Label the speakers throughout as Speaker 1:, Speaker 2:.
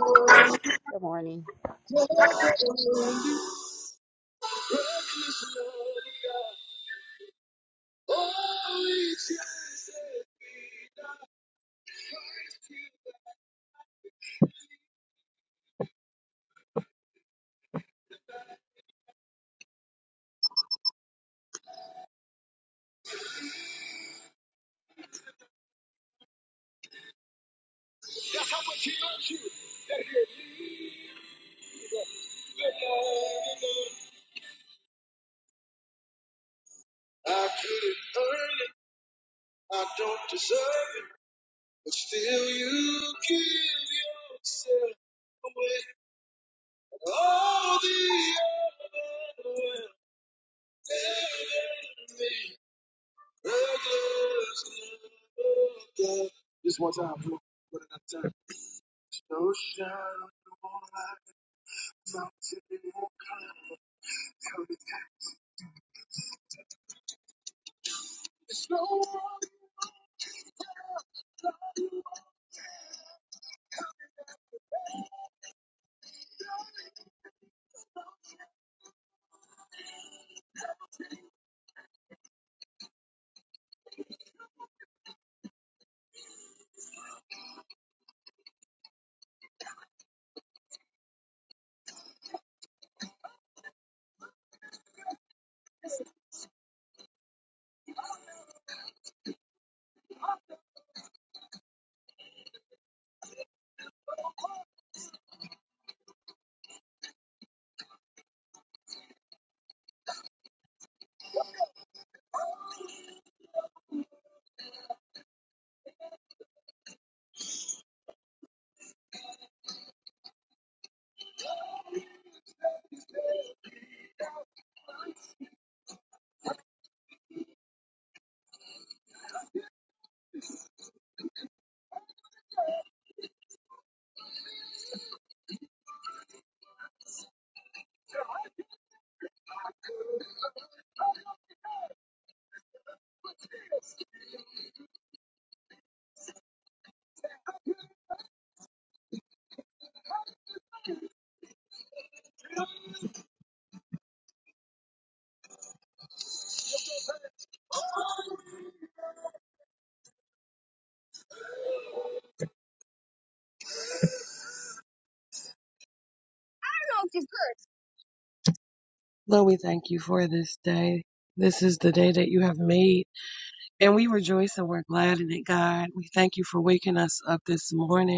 Speaker 1: you.
Speaker 2: Good morning.
Speaker 1: how much He He loves you. That he- I couldn't earn it, I don't deserve it, but still you give yourself away. all the other will never be. Just one time, bro. One at a time. No shadow, no light, no mountain, no cloud. Tell me, that it's no one. Lord, we thank you for this day. This is the day that you have made, and we rejoice and we're glad in it, God. We thank you for waking us up this morning.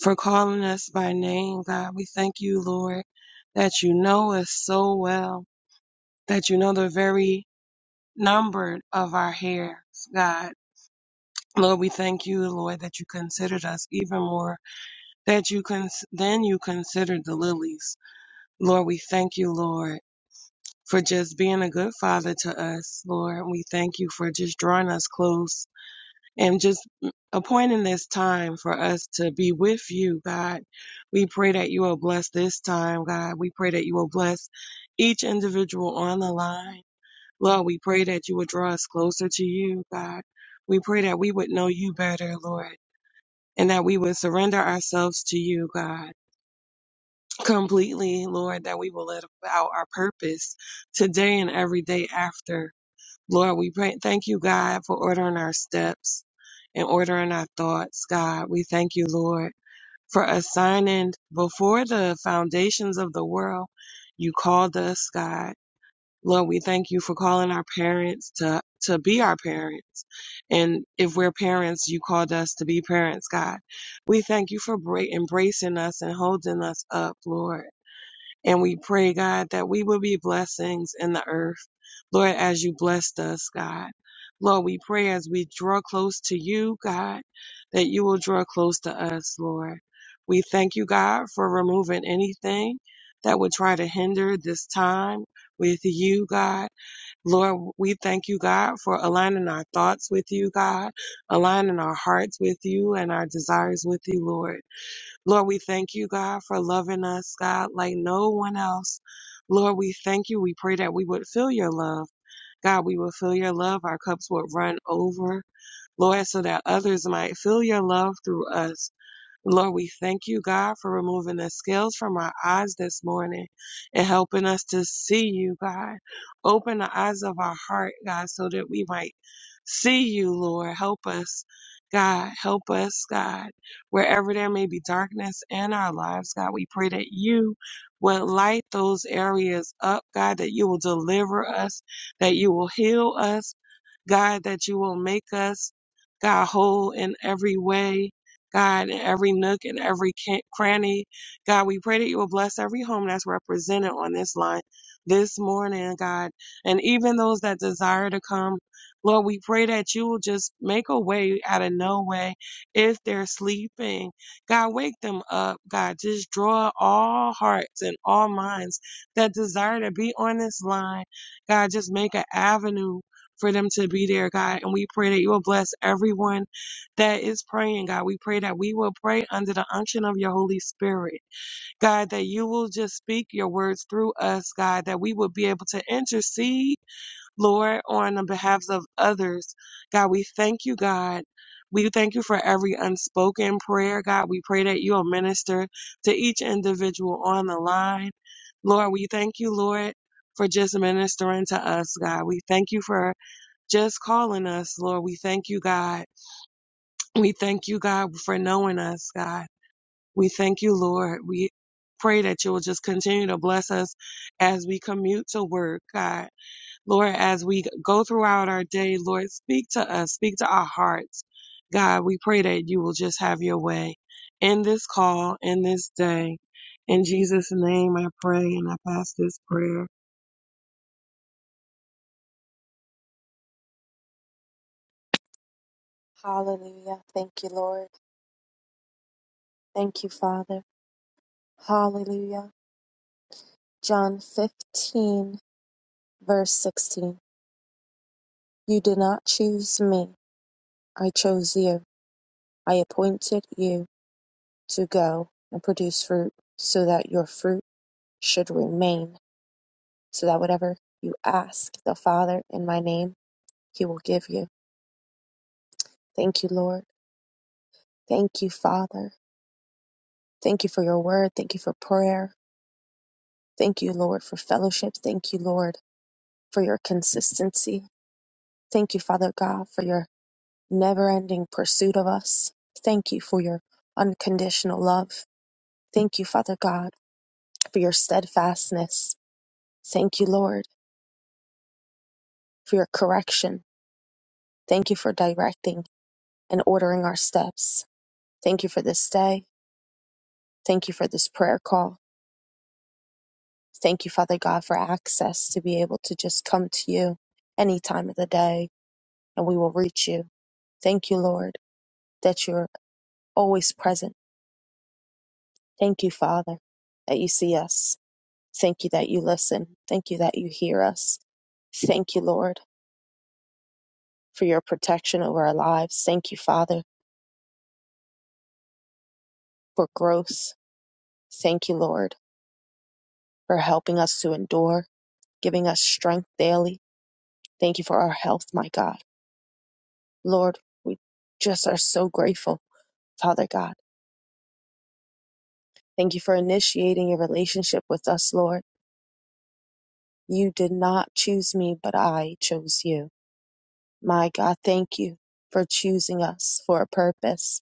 Speaker 1: for calling us by name, God. We thank you, Lord, that you know us so well, that you know the very number of our hairs, God. Lord, we thank you, Lord, that you considered us even more that you cons- then you considered the lilies. Lord, we thank you, Lord, for just being a good father to us. Lord, we thank you for just drawing us close and just appointing this time for us to be with you, God. We pray that you will bless this time, God. We pray that you will bless each individual on the line. Lord, we pray that you will draw us closer to you, God. We pray that we would know you better, Lord, and that we would surrender ourselves to you, God, completely, Lord, that we will live out our purpose today and every day after. Lord, we pray, thank you, God, for ordering our steps and ordering our thoughts, God. We thank you, Lord, for assigning before the foundations of the world, you called us, God. Lord, we thank you for calling our parents to, to be our parents. And if we're parents, you called us to be parents, God. We thank you for bra- embracing us and holding us up, Lord. And we pray, God, that we will be blessings in the earth Lord, as you blessed us, God. Lord, we pray as we draw close to you, God, that you will draw close to us, Lord. We thank you, God, for removing anything that would try to hinder this time with you, God. Lord, we thank you, God, for aligning our thoughts with you, God, aligning our hearts with you and our desires with you, Lord. Lord, we thank you, God, for loving us, God, like no one else. Lord, we thank you. We pray that we would feel your love. God, we will feel your love. Our cups will run over, Lord, so that others might feel your love through us. Lord, we thank you, God, for removing the scales from our eyes this morning and helping us to see you, God. Open the eyes of our heart, God, so that we might see you, Lord. Help us, God. Help us, God. Wherever there may be darkness in our lives, God, we pray that you will light those areas up, God, that you will deliver us, that you will heal us, God, that you will make us, God, whole in every way. God, in every nook and every ca- cranny. God, we pray that you will bless every home that's represented on this line this morning, God, and even those that desire to come. Lord, we pray that you will just make a way out of no way if they're sleeping. God, wake them up. God, just draw all hearts and all minds that desire to be on this line. God, just make an avenue for them to be there, God. And we pray that you will bless everyone that is praying, God. We pray that we will pray under the unction of your Holy Spirit, God, that you will just speak your words through us, God, that we will be able to intercede, Lord, on the behalf of others. God, we thank you, God. We thank you for every unspoken prayer, God. We pray that you'll minister to each individual on the line. Lord, we thank you, Lord, for just ministering to us, God. We thank you for just calling us, Lord. We thank you, God. We thank you, God, for knowing us, God. We thank you, Lord. We pray that you will just continue to bless us as we commute to work, God. Lord, as we go throughout our day, Lord, speak to us, speak to our hearts. God, we pray that you will just have your way in this call, in this day. In Jesus' name, I pray and I pass this prayer.
Speaker 3: Hallelujah. Thank you, Lord. Thank you, Father. Hallelujah. John 15, verse 16. You did not choose me. I chose you. I appointed you to go and produce fruit so that your fruit should remain, so that whatever you ask the Father in my name, he will give you. Thank you, Lord. Thank you, Father. Thank you for your word. Thank you for prayer. Thank you, Lord, for fellowship. Thank you, Lord, for your consistency. Thank you, Father God, for your never ending pursuit of us. Thank you for your unconditional love. Thank you, Father God, for your steadfastness. Thank you, Lord, for your correction. Thank you for directing and ordering our steps. Thank you for this day. Thank you for this prayer call. Thank you, Father God, for access to be able to just come to you any time of the day and we will reach you. Thank you, Lord, that you're always present. Thank you, Father, that you see us. Thank you that you listen. Thank you that you hear us. Thank you, Lord, for your protection over our lives. Thank you, Father, for growth. Thank you, Lord, for helping us to endure, giving us strength daily. Thank you for our health, my God. Lord, we just are so grateful, Father God. Thank you for initiating a relationship with us, Lord. You did not choose me, but I chose you. My God, thank you for choosing us for a purpose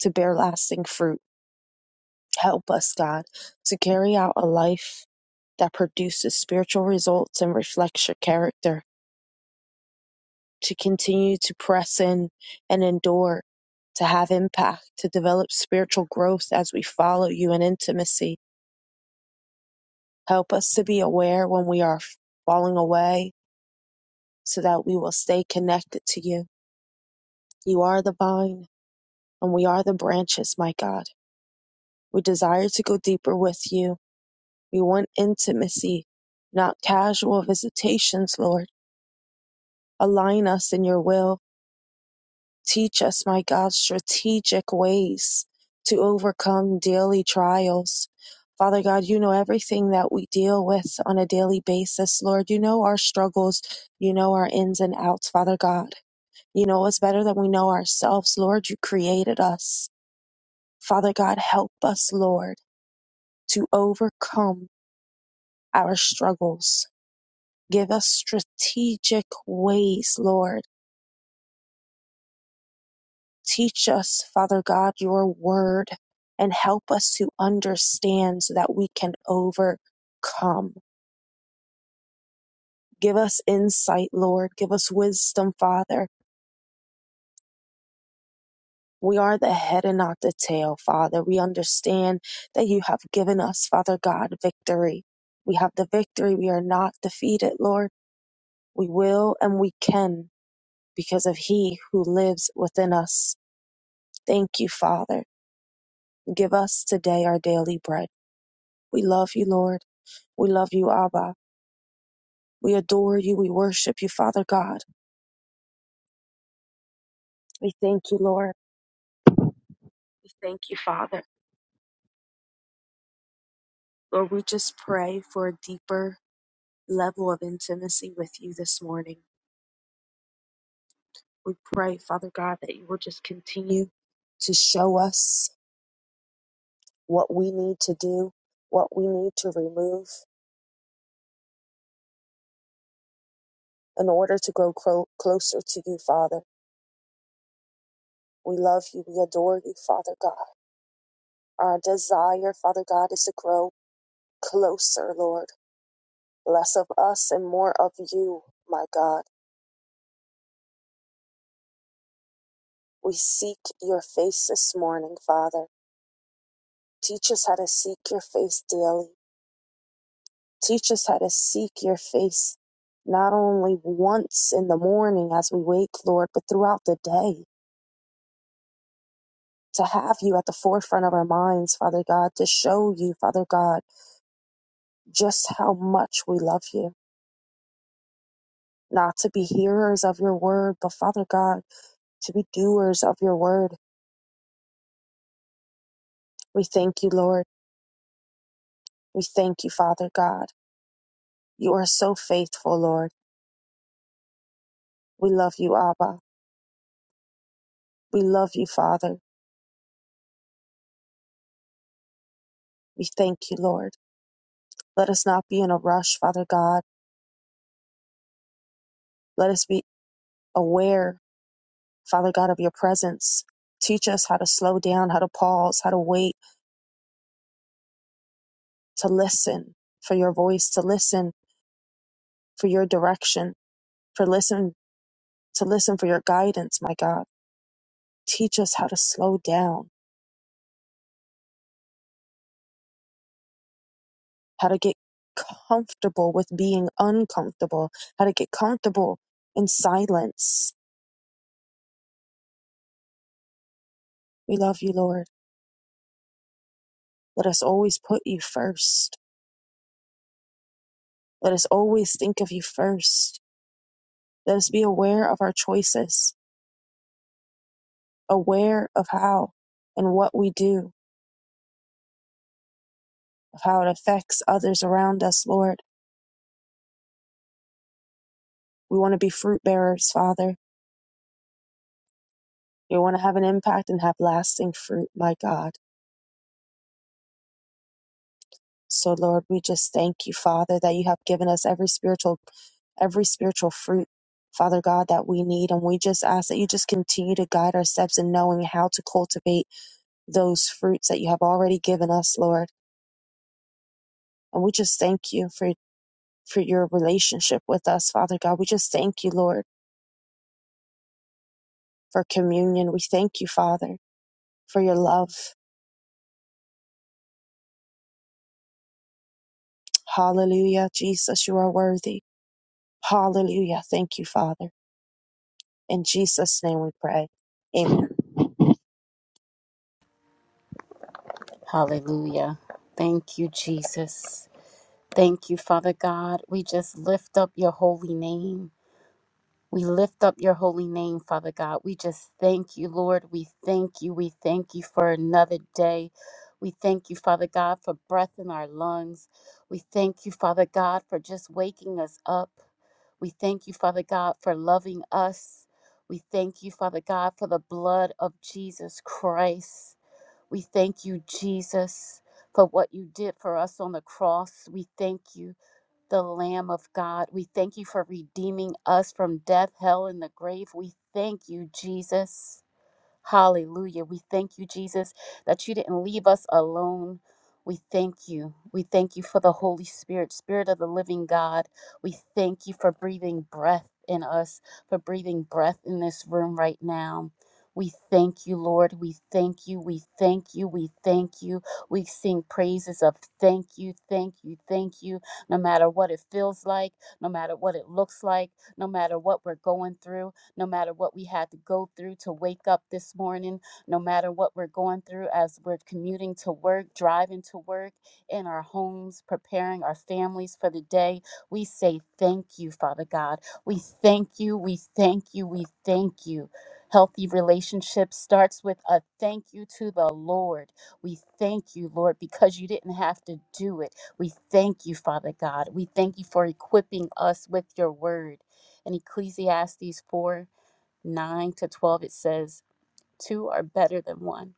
Speaker 3: to bear lasting fruit. Help us, God, to carry out a life that produces spiritual results and reflects your character, to continue to press in and endure, to have impact, to develop spiritual growth as we follow you in intimacy. Help us to be aware when we are falling away so that we will stay connected to you. You are the vine and we are the branches, my God. We desire to go deeper with you. We want intimacy, not casual visitations, Lord. Align us in your will. Teach us, my God, strategic ways to overcome daily trials. Father God, you know everything that we deal with on a daily basis, Lord. You know our struggles. You know our ins and outs, Father God. You know us better than we know ourselves, Lord. You created us. Father God, help us, Lord, to overcome our struggles. Give us strategic ways, Lord Teach us, Father God, your word and help us to understand so that we can overcome. Give us insight, Lord. Give us wisdom, Father. We are the head and not the tail, Father. We understand that you have given us, Father God, victory. We have the victory. We are not defeated, Lord. We will and we can because of He who lives within us. Thank you, Father. Give us today our daily bread. We love you, Lord. We love you, Abba. We adore you. We worship you, Father God. We thank you, Lord. We thank you, Father. Lord, we just pray for a deeper level of intimacy with you this morning. We pray, Father God, that you will just continue to show us what we need to do, what we need to remove in order to grow clo- closer to you, Father. We love you. We adore you, Father God. Our desire, Father God, is to grow closer, Lord. Less of us and more of you, my God. We seek your face this morning, Father. Teach us how to seek your face daily. Teach us how to seek your face not only once in the morning as we wake, Lord, but throughout the day. To have you at the forefront of our minds, Father God, to show you, Father God, just how much we love you. Not to be hearers of your word, but Father God, to be doers of your word. We thank you, Lord. We thank you, Father God. You are so faithful, Lord. We love you, Abba. We love you, Father. We thank you, Lord. Let us not be in a rush, Father God. Let us be aware, Father God, of your presence. Teach us how to slow down, how to pause, how to wait, to listen for your voice, to listen for your direction, for listen to listen for your guidance, my God. Teach us how to slow down, how to get comfortable with being uncomfortable, how to get comfortable in silence We love you, Lord. Let us always put you first. Let us always think of you first. Let us be aware of our choices, aware of how and what we do, of how it affects others around us, Lord. We want to be fruit bearers, Father. We want to have an impact and have lasting fruit, my God. So, Lord, we just thank you, Father, that you have given us every spiritual every spiritual fruit, Father God, that we need. And we just ask that you just continue to guide our steps in knowing how to cultivate those fruits that you have already given us, Lord. And we just thank you for, for your relationship with us, Father God. We just thank you, Lord, for communion. We thank you, Father, for your love. Hallelujah. Jesus, you are worthy. Hallelujah. Thank you, Father. In Jesus' name we pray. Amen.
Speaker 2: Hallelujah. Thank you, Jesus. Thank you, Father God. We just lift up your holy name. We lift up your holy name, Father God. We just thank you, Lord. We thank you. We thank you for another day. We thank you, Father God, for breath in our lungs. We thank you, Father God, for just waking us up. We thank you, Father God, for loving us. We thank you, Father God, for the blood of Jesus Christ. We thank you, Jesus, for what you did for us on the cross. We thank you, the Lamb of God. We thank you for redeeming us from death, hell, and the grave. We thank you, Jesus. Hallelujah. We thank you, Jesus, that you didn't leave us alone. We thank you. We thank you for the Holy Spirit, Spirit of the living God. We thank you for breathing breath in us, for breathing breath in this room right now. We thank you, Lord. We thank you. We thank you. We thank you. We sing praises of thank you, thank you, thank you, no matter what it feels like, no matter what it looks like, no matter what we're going through no matter what we had to go through to wake up this morning, no matter what we're going through as we're commuting to work, driving to work, in our homes, preparing our families for the day. We say thank you, Father God. We thank you, we thank you, we thank you. Healthy relationship starts with a thank you to the Lord. We thank you, Lord, because you didn't have to do it. We thank you, Father God. We thank you for equipping us with your word. In Ecclesiastes 4 9 to 12, it says, Two are better than one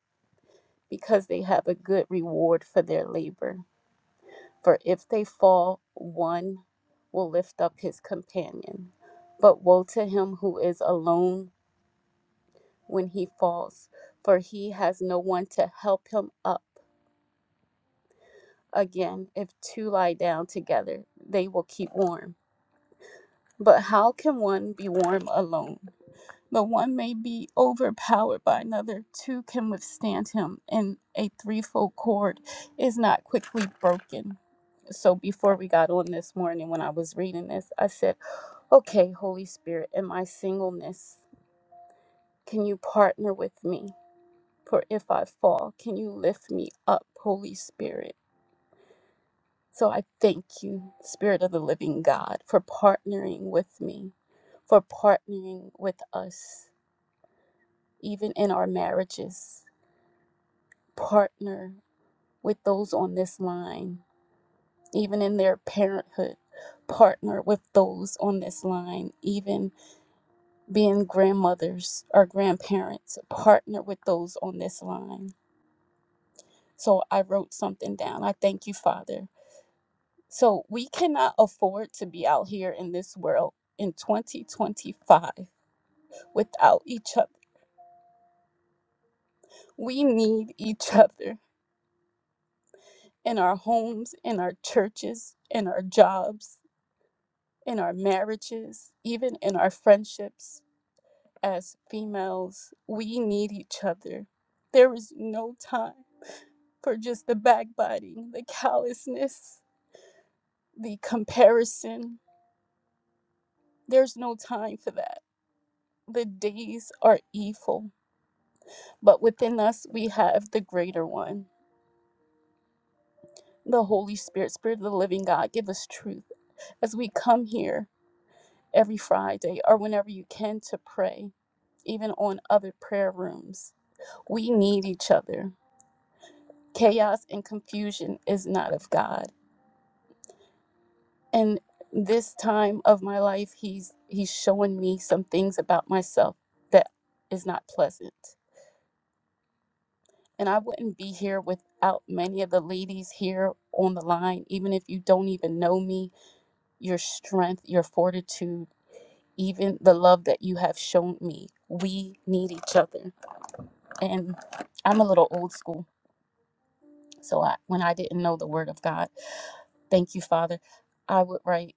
Speaker 2: because they have a good reward for their labor. For if they fall, one will lift up his companion. But woe to him who is alone when he falls, for he has no one to help him up. Again, if two lie down together, they will keep warm. But how can one be warm alone? The one may be overpowered by another, two can withstand him, and a threefold cord is not quickly broken. So before we got on this morning, when I was reading this, I said, Okay, Holy Spirit, in my singleness, can you partner with me? For if I fall, can you lift me up, Holy Spirit? So I thank you, Spirit of the Living God, for partnering with me, for partnering with us, even in our marriages partner with those on this line, even in their parenthood, partner with those on this line, even being grandmothers or grandparents, partner with those on this line. So I wrote something down. I thank you, Father. So we cannot afford to be out here in this world in 2025 without each other. We need each other in our homes, in our churches, in our jobs, in our marriages, even in our friendships as females. We need each other. There is no time for just the backbiting, the callousness, the comparison. There's no time for that. The days are evil, but within us we have the greater one, the Holy Spirit, Spirit of the living God. Give us truth as we come here every Friday or whenever you can to pray, even on other prayer rooms We need each other. Chaos and confusion is not of God. And this time of my life, he's he's showing me some things about myself that is not pleasant. And I wouldn't be here without many of the ladies here on the line, even if you don't even know me, your strength, your fortitude, even the love that you have shown me. We need each other. And I'm a little old school. So I, when I didn't know the word of God, Thank you, Father. I would write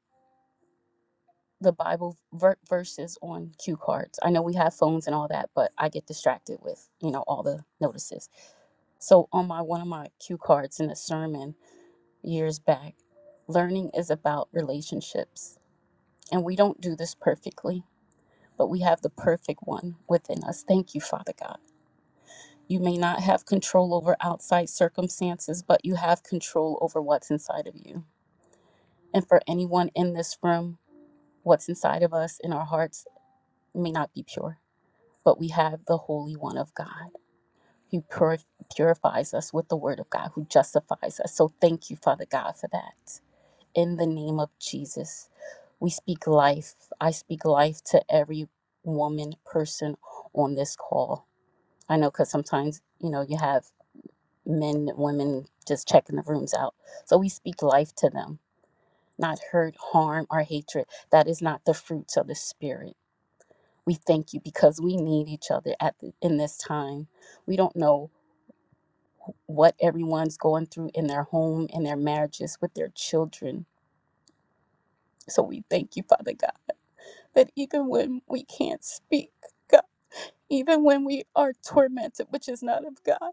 Speaker 2: the Bible ver- verses on cue cards. I know we have phones and all that, but I get distracted with, you know, all the notices. So on my one of my cue cards in a sermon years back, learning is about relationships. And we don't do this perfectly, but we have the perfect one within us. Thank you, Father God. You may not have control over outside circumstances, but you have control over what's inside of you. And for anyone in this room What's inside of us in our hearts may not be pure, but we have the Holy One of God who pur- purifies us with the Word of God, who justifies us. So thank you, Father God, for that. In the name of Jesus, we speak life. I speak life to every woman, person on this call. I know because sometimes, you know, you have men, women just checking the rooms out. So we speak life to them, not hurt, harm, or hatred. That is not the fruits of the Spirit. We thank you because we need each other at the, in this time. We don't know what everyone's going through in their home, in their marriages, with their children. So we thank you, Father God, that even when we can't speak, even when we are tormented, which is not of God.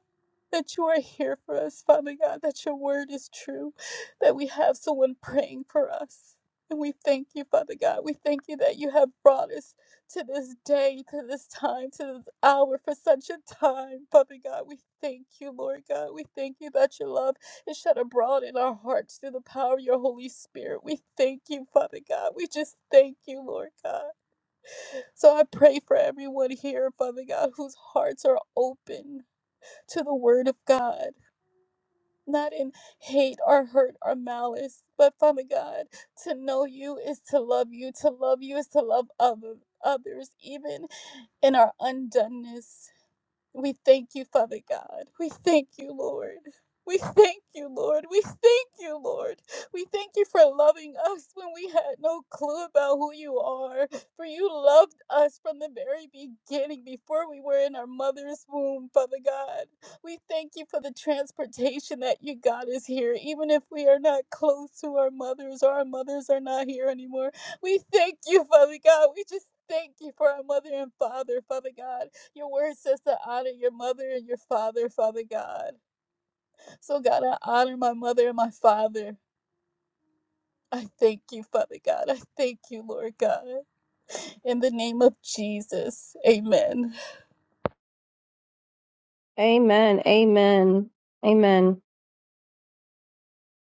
Speaker 2: That you are here for us, Father God, that your word is true, that we have someone praying for us. And we thank you, Father God. We thank you that you have brought us to this day, to this time, to this hour, for such a time, Father God. We thank you, Lord God. We thank you that your love is shed abroad in our hearts through the power of your Holy Spirit. We thank you, Father God. We just thank you, Lord God. So I pray for everyone here, Father God, whose hearts are open to the Word of God, not in hate or hurt or malice, but Father God, to know you is to love you, to love you is to love other, others, even in our undoneness. We thank you, Father God. We thank you, Lord. We thank you, Lord. We thank you, Lord. We thank you for loving us when we had no clue about who you are. For you loved us from the very beginning, before we were in our mother's womb, Father God. We thank you for the transportation that you got us here, even if we are not close to our mothers or our mothers are not here anymore. We thank you, Father God. We just thank you for our mother and father, Father God. Your word says to honor your mother and your father, Father God. So, God, I honor my mother and my father. I thank you, Father God. I thank you, Lord God. In the name of Jesus, amen.
Speaker 4: Amen. Amen. Amen.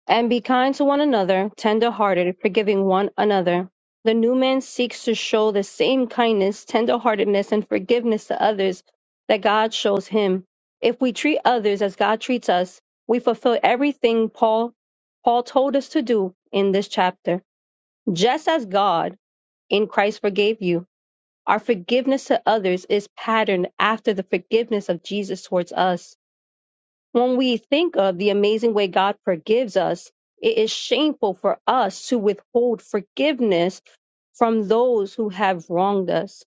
Speaker 4: And be kind to one another, tender hearted, forgiving one another. The new man seeks to show the same kindness, tender heartedness, and forgiveness to others that God shows him. If we treat others as God treats us, we fulfill everything Paul Paul told us to do in this chapter. Just as God in Christ forgave you, our forgiveness to others is patterned after the forgiveness of Jesus towards us. When we think of the amazing way God forgives us, it is shameful for us to withhold forgiveness from those who have wronged us.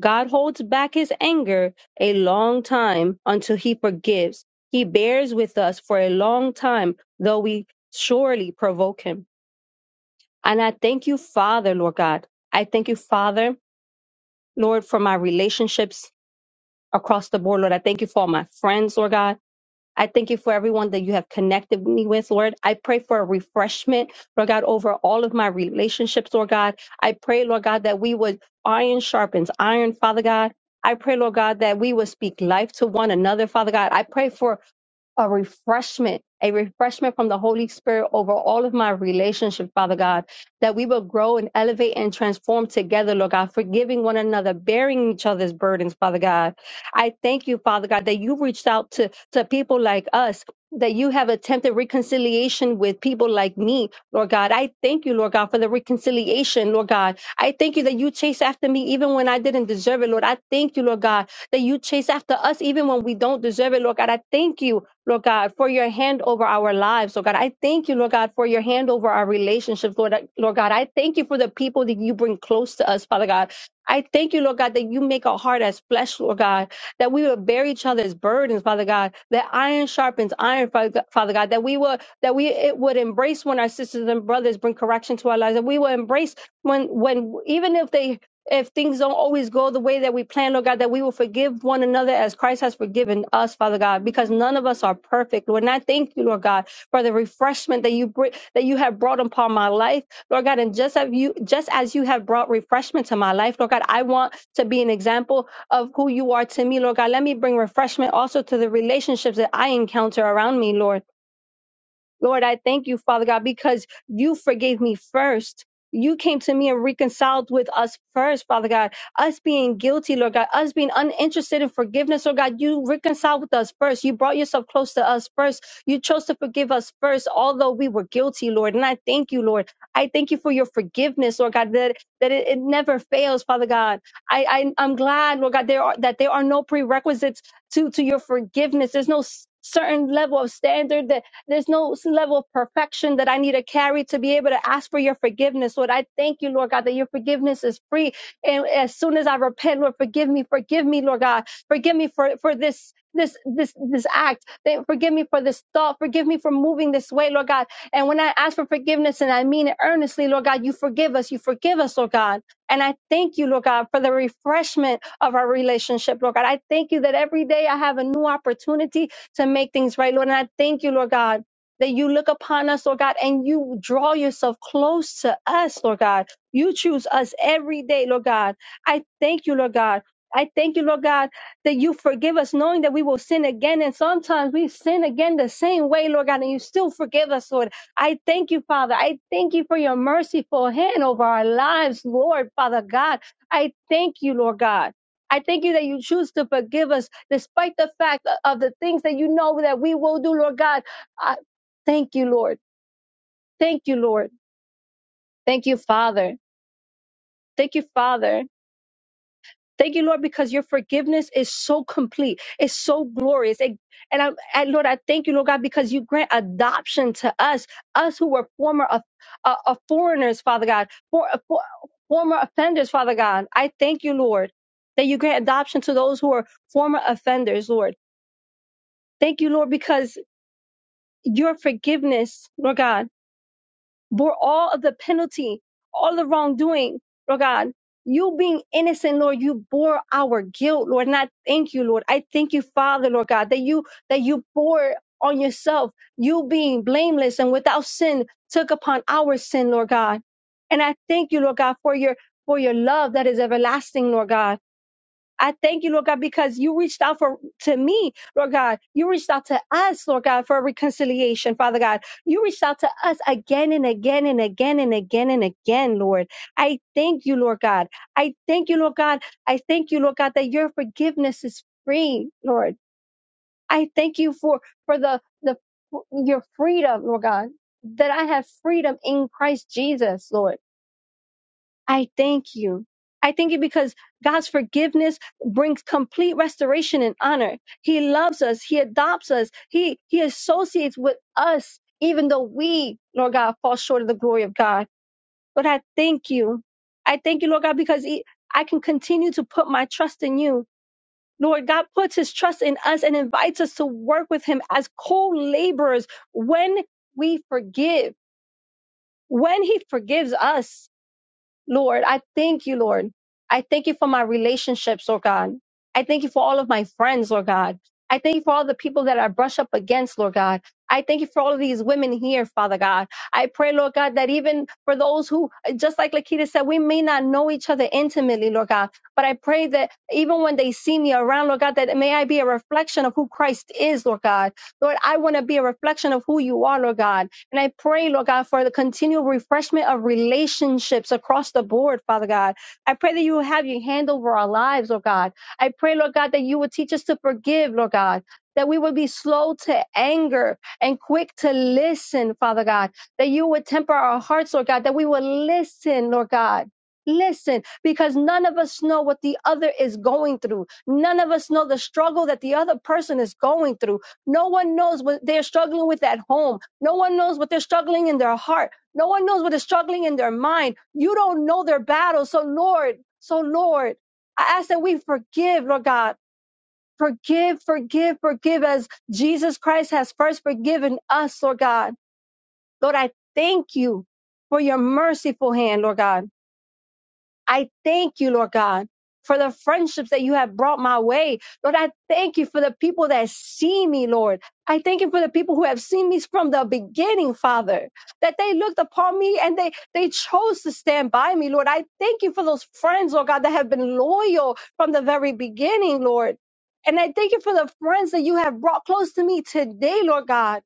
Speaker 4: God holds back his anger a long time until he forgives. He bears with us for a long time, though we surely provoke him. And I thank you, Father, Lord God. I thank you, Father, Lord, for my relationships across the board, Lord. I thank you for all my friends, Lord God. I thank you for everyone that you have connected me with, Lord. I pray for a refreshment, Lord God, over all of my relationships, Lord God. I pray, Lord God, that we would iron sharpens iron, Father God. I pray, Lord God, that we would speak life to one another, Father God. I pray for a refreshment, a refreshment from the Holy Spirit over all of my relationships, Father God, that we will grow and elevate and transform together, Lord God, forgiving one another, bearing each other's burdens, Father God. I thank you, Father God, that you reached out to, to people like us. That you have attempted reconciliation with people like me, Lord God. I thank you, Lord God, for the reconciliation, Lord God. I thank you that you chased after me even when I didn't deserve it, Lord. I thank you, Lord God, that you chase after us even when we don't deserve it, Lord God. I thank you Lord God, for your hand over our lives, Lord God. I thank you, Lord God, for your hand over our relationships, Lord, Lord God. I thank you for the people that you bring close to us, Father God. I thank you, Lord God, that you make our heart as flesh, Lord God, that we will bear each other's burdens, Father God, that iron sharpens iron, Father Father God, that we will, that we it would embrace when our sisters and brothers bring correction to our lives, that we will embrace when, when, even if they if things don't always go the way that we plan, Lord God, that we will forgive one another as Christ has forgiven us, Father God, because none of us are perfect, Lord. And I thank you, Lord God, for the refreshment that you bring, that you have brought upon my life, Lord God. And just as you, just as you have brought refreshment to my life, Lord God, I want to be an example of who you are to me, Lord God. Let me bring refreshment also to the relationships that I encounter around me, Lord. Lord, I thank you, Father God, because you forgave me first. You came to me and reconciled with us first, Father God. Us being guilty, Lord God, us being uninterested in forgiveness, Lord God, you reconciled with us first. You brought yourself close to us first. You chose to forgive us first, although we were guilty, Lord. And I thank you, Lord. I thank you for your forgiveness, Lord God, that, that it, it never fails, Father God. I, I I'm glad, Lord God, there are that there are no prerequisites to to your forgiveness. There's no s- certain level of standard that there's no level of perfection that I need to carry to be able to ask for your forgiveness. Lord, I thank you, Lord God, that your forgiveness is free. And as soon as I repent, Lord, forgive me, forgive me, Lord God, forgive me for, for this. This this this act, Thank- forgive me for this thought, forgive me for moving this way, Lord God. And when I ask for forgiveness and I mean it earnestly, Lord God, you forgive us, you forgive us, Lord God. And I thank you, Lord God, for the refreshment of our relationship, Lord God. I thank you that every day I have a new opportunity to make things right, Lord. And I thank you, Lord God, that you look upon us, Lord God, and you draw yourself close to us, Lord God. You choose us every day, Lord God. I thank you, Lord God. I thank you, Lord God, that you forgive us, knowing that we will sin again. And sometimes we sin again the same way, Lord God, and you still forgive us, Lord. I thank you, Father. I thank you for your merciful hand over our lives, Lord, Father God. I thank you, Lord God. I thank you that you choose to forgive us despite the fact of the things that you know that we will do, Lord God. I thank you, Lord. Thank you, Lord. Thank you, Father. Thank you, Father. Thank you, Lord, because your forgiveness is so complete. It's so glorious. It- and I, and Lord, I thank you, Lord God, because you grant adoption to us, us who were former of, uh, of foreigners, Father God, for, uh, for, former offenders, Father God. I thank you, Lord, that you grant adoption to those who are former offenders, Lord. Thank you, Lord, because your forgiveness, Lord God, bore all of the penalty, all the wrongdoing, Lord God. You being innocent, Lord, you bore our guilt, Lord. And I thank you, Lord. I thank you, Father, Lord God, that you that you bore on yourself, you being blameless and without sin, took upon our sin, Lord God. And I thank you, Lord God, for your for your love that is everlasting, Lord God. I thank you, Lord God, because you reached out for to me, Lord God. You reached out to us, Lord God, for reconciliation, Father God. You reached out to us again and again and again and again and again, Lord. I thank you, Lord God. I thank you, Lord God. I thank you, Lord God, that your forgiveness is free, Lord. I thank you for for the the your freedom, Lord God, that I have freedom in Christ Jesus, Lord. I thank you. I thank you because God's forgiveness brings complete restoration and honor. He loves us. He adopts us. He, he associates with us, even though we, Lord God, fall short of the glory of God. But I thank you. I thank you, Lord God, because he- I can continue to put my trust in you. Lord God puts his trust in us and invites us to work with him as co laborers when we forgive, when he forgives us. Lord, I thank you, Lord. I thank you for my relationships, Lord God. I thank you for all of my friends, Lord God. I thank you for all the people that I brush up against, Lord God. I thank you for all of these women here, Father God. I pray, Lord God, that even for those who, just like Lakita said, we may not know each other intimately, Lord God, but I pray that even when they see me around, Lord God, that may I be a reflection of who Christ is, Lord God. Lord, I want to be a reflection of who you are, Lord God. And I pray, Lord God, for the continual refreshment of relationships across the board, Father God. I pray that you will have your hand over our lives, Lord God. I pray, Lord God, that you would teach us to forgive, Lord God. That we would be slow to anger and quick to listen, Father God. That you would temper our hearts, Lord God. That we would listen, Lord God. Listen, because none of us know what the other is going through. None of us know the struggle that the other person is going through. No one knows what they're struggling with at home. No one knows what they're struggling in their heart. No one knows what is struggling in their mind. You don't know their battle. So Lord, so Lord, I ask that we forgive, Lord God. Forgive, forgive, forgive as Jesus Christ has first forgiven us, Lord God. Lord, I thank you for your merciful hand, Lord God. I thank you, Lord God, for the friendships that you have brought my way. Lord, I thank you for the people that see me, Lord. I thank you for the people who have seen me from the beginning, Father, that they looked upon me and they, they chose to stand by me, Lord. I thank you for those friends, Lord God, that have been loyal from the very beginning, Lord. And I thank you for the friends that you have brought close to me today, Lord God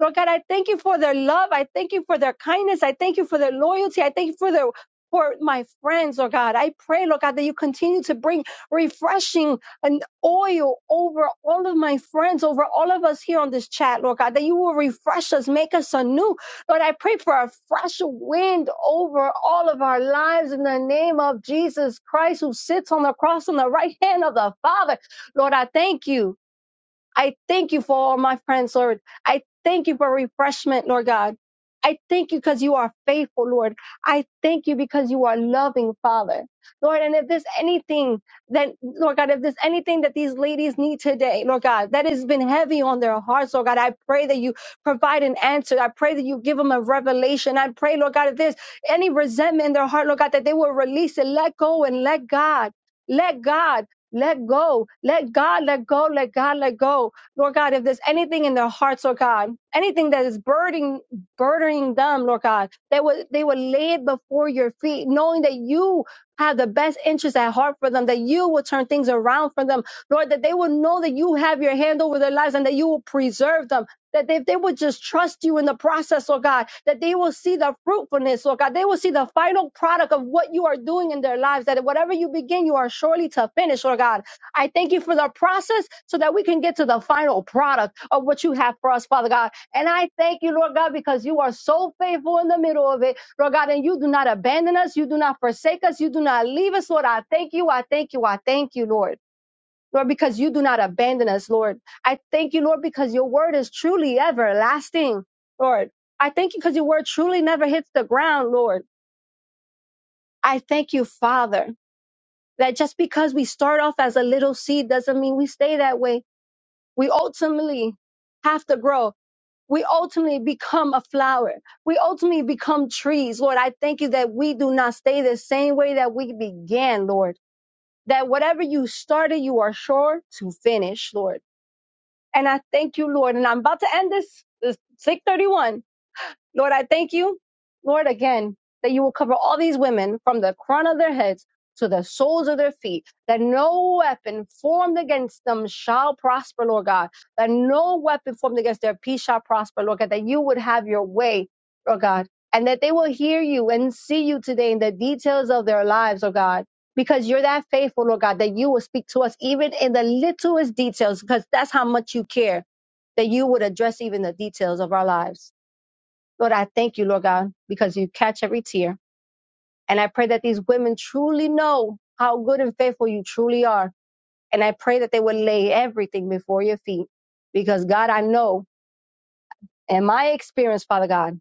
Speaker 4: Lord God, I thank you for their love. I thank you for their kindness. I thank you for their loyalty. I thank you for their for my friends, Lord God. I pray, Lord God, that you continue to bring refreshing and oil over all of my friends, over all of us here on this chat, Lord God, that you will refresh us, make us anew. Lord, I pray for a fresh wind over all of our lives in the name of Jesus Christ, who sits on the cross on the right hand of the Father. Lord, I thank you. I thank you for all my friends, Lord. I thank you for refreshment, Lord God. I thank you because you are faithful, Lord. I thank you because you are loving, Father. Lord, and if there's anything that, Lord God, if there's anything that these ladies need today, Lord God, that has been heavy on their hearts, Lord God, I pray that you provide an answer. I pray that you give them a revelation. I pray, Lord God, if there's any resentment in their heart, Lord God, that they will release it, let go and let God. Let God. Let go. Let God let go. Let God let go. Lord God, if there's anything in their hearts, Lord God, anything that is burdening burdening them, Lord God, they would they would lay it before your feet, knowing that you have the best interest at heart for them, that you will turn things around for them. Lord, that they will know that you have your hand over their lives and that you will preserve them that they, they would just trust you in the process, Lord God, that they will see the fruitfulness, Lord God, they will see the final product of what you are doing in their lives, that whatever you begin, you are surely to finish, Lord God. I thank you for the process so that we can get to the final product of what you have for us, Father God. And I thank you, Lord God, because you are so faithful in the middle of it, Lord God, and you do not abandon us, you do not forsake us, you do not leave us, Lord. I thank you, I thank you, I thank you, Lord. Lord, because you do not abandon us, Lord. I thank you, Lord, because your word is truly everlasting, Lord. I thank you because your word truly never hits the ground, Lord. I thank you, Father, that just because we start off as a little seed doesn't mean we stay that way. We ultimately have to grow. We ultimately become a flower. We ultimately become trees. Lord, I thank you that we do not stay the same way that we began, Lord. That whatever you started, you are sure to finish, Lord. And I thank you, Lord. And I'm about to end this, this 631. Lord, I thank you, Lord, again, that you will cover all these women from the crown of their heads to the soles of their feet, that no weapon formed against them shall prosper, Lord God, that no weapon formed against their peace shall prosper, Lord God, that you would have your way, Lord God, and that they will hear you and see you today in the details of their lives, oh God. Because you're that faithful, Lord God, that you will speak to us even in the littlest details, because that's how much you care, that you would address even the details of our lives. Lord, I thank you, Lord God, because you catch every tear. And I pray that these women truly know how good and faithful you truly are. And I pray that they would lay everything before your feet. Because God, I know in my experience, Father God,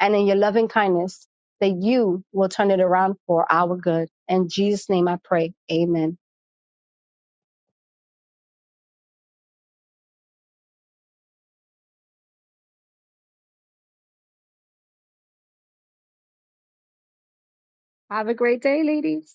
Speaker 4: and in your loving kindness, that you will turn it around for our good. In Jesus' name I pray. Amen. Have a great day, ladies.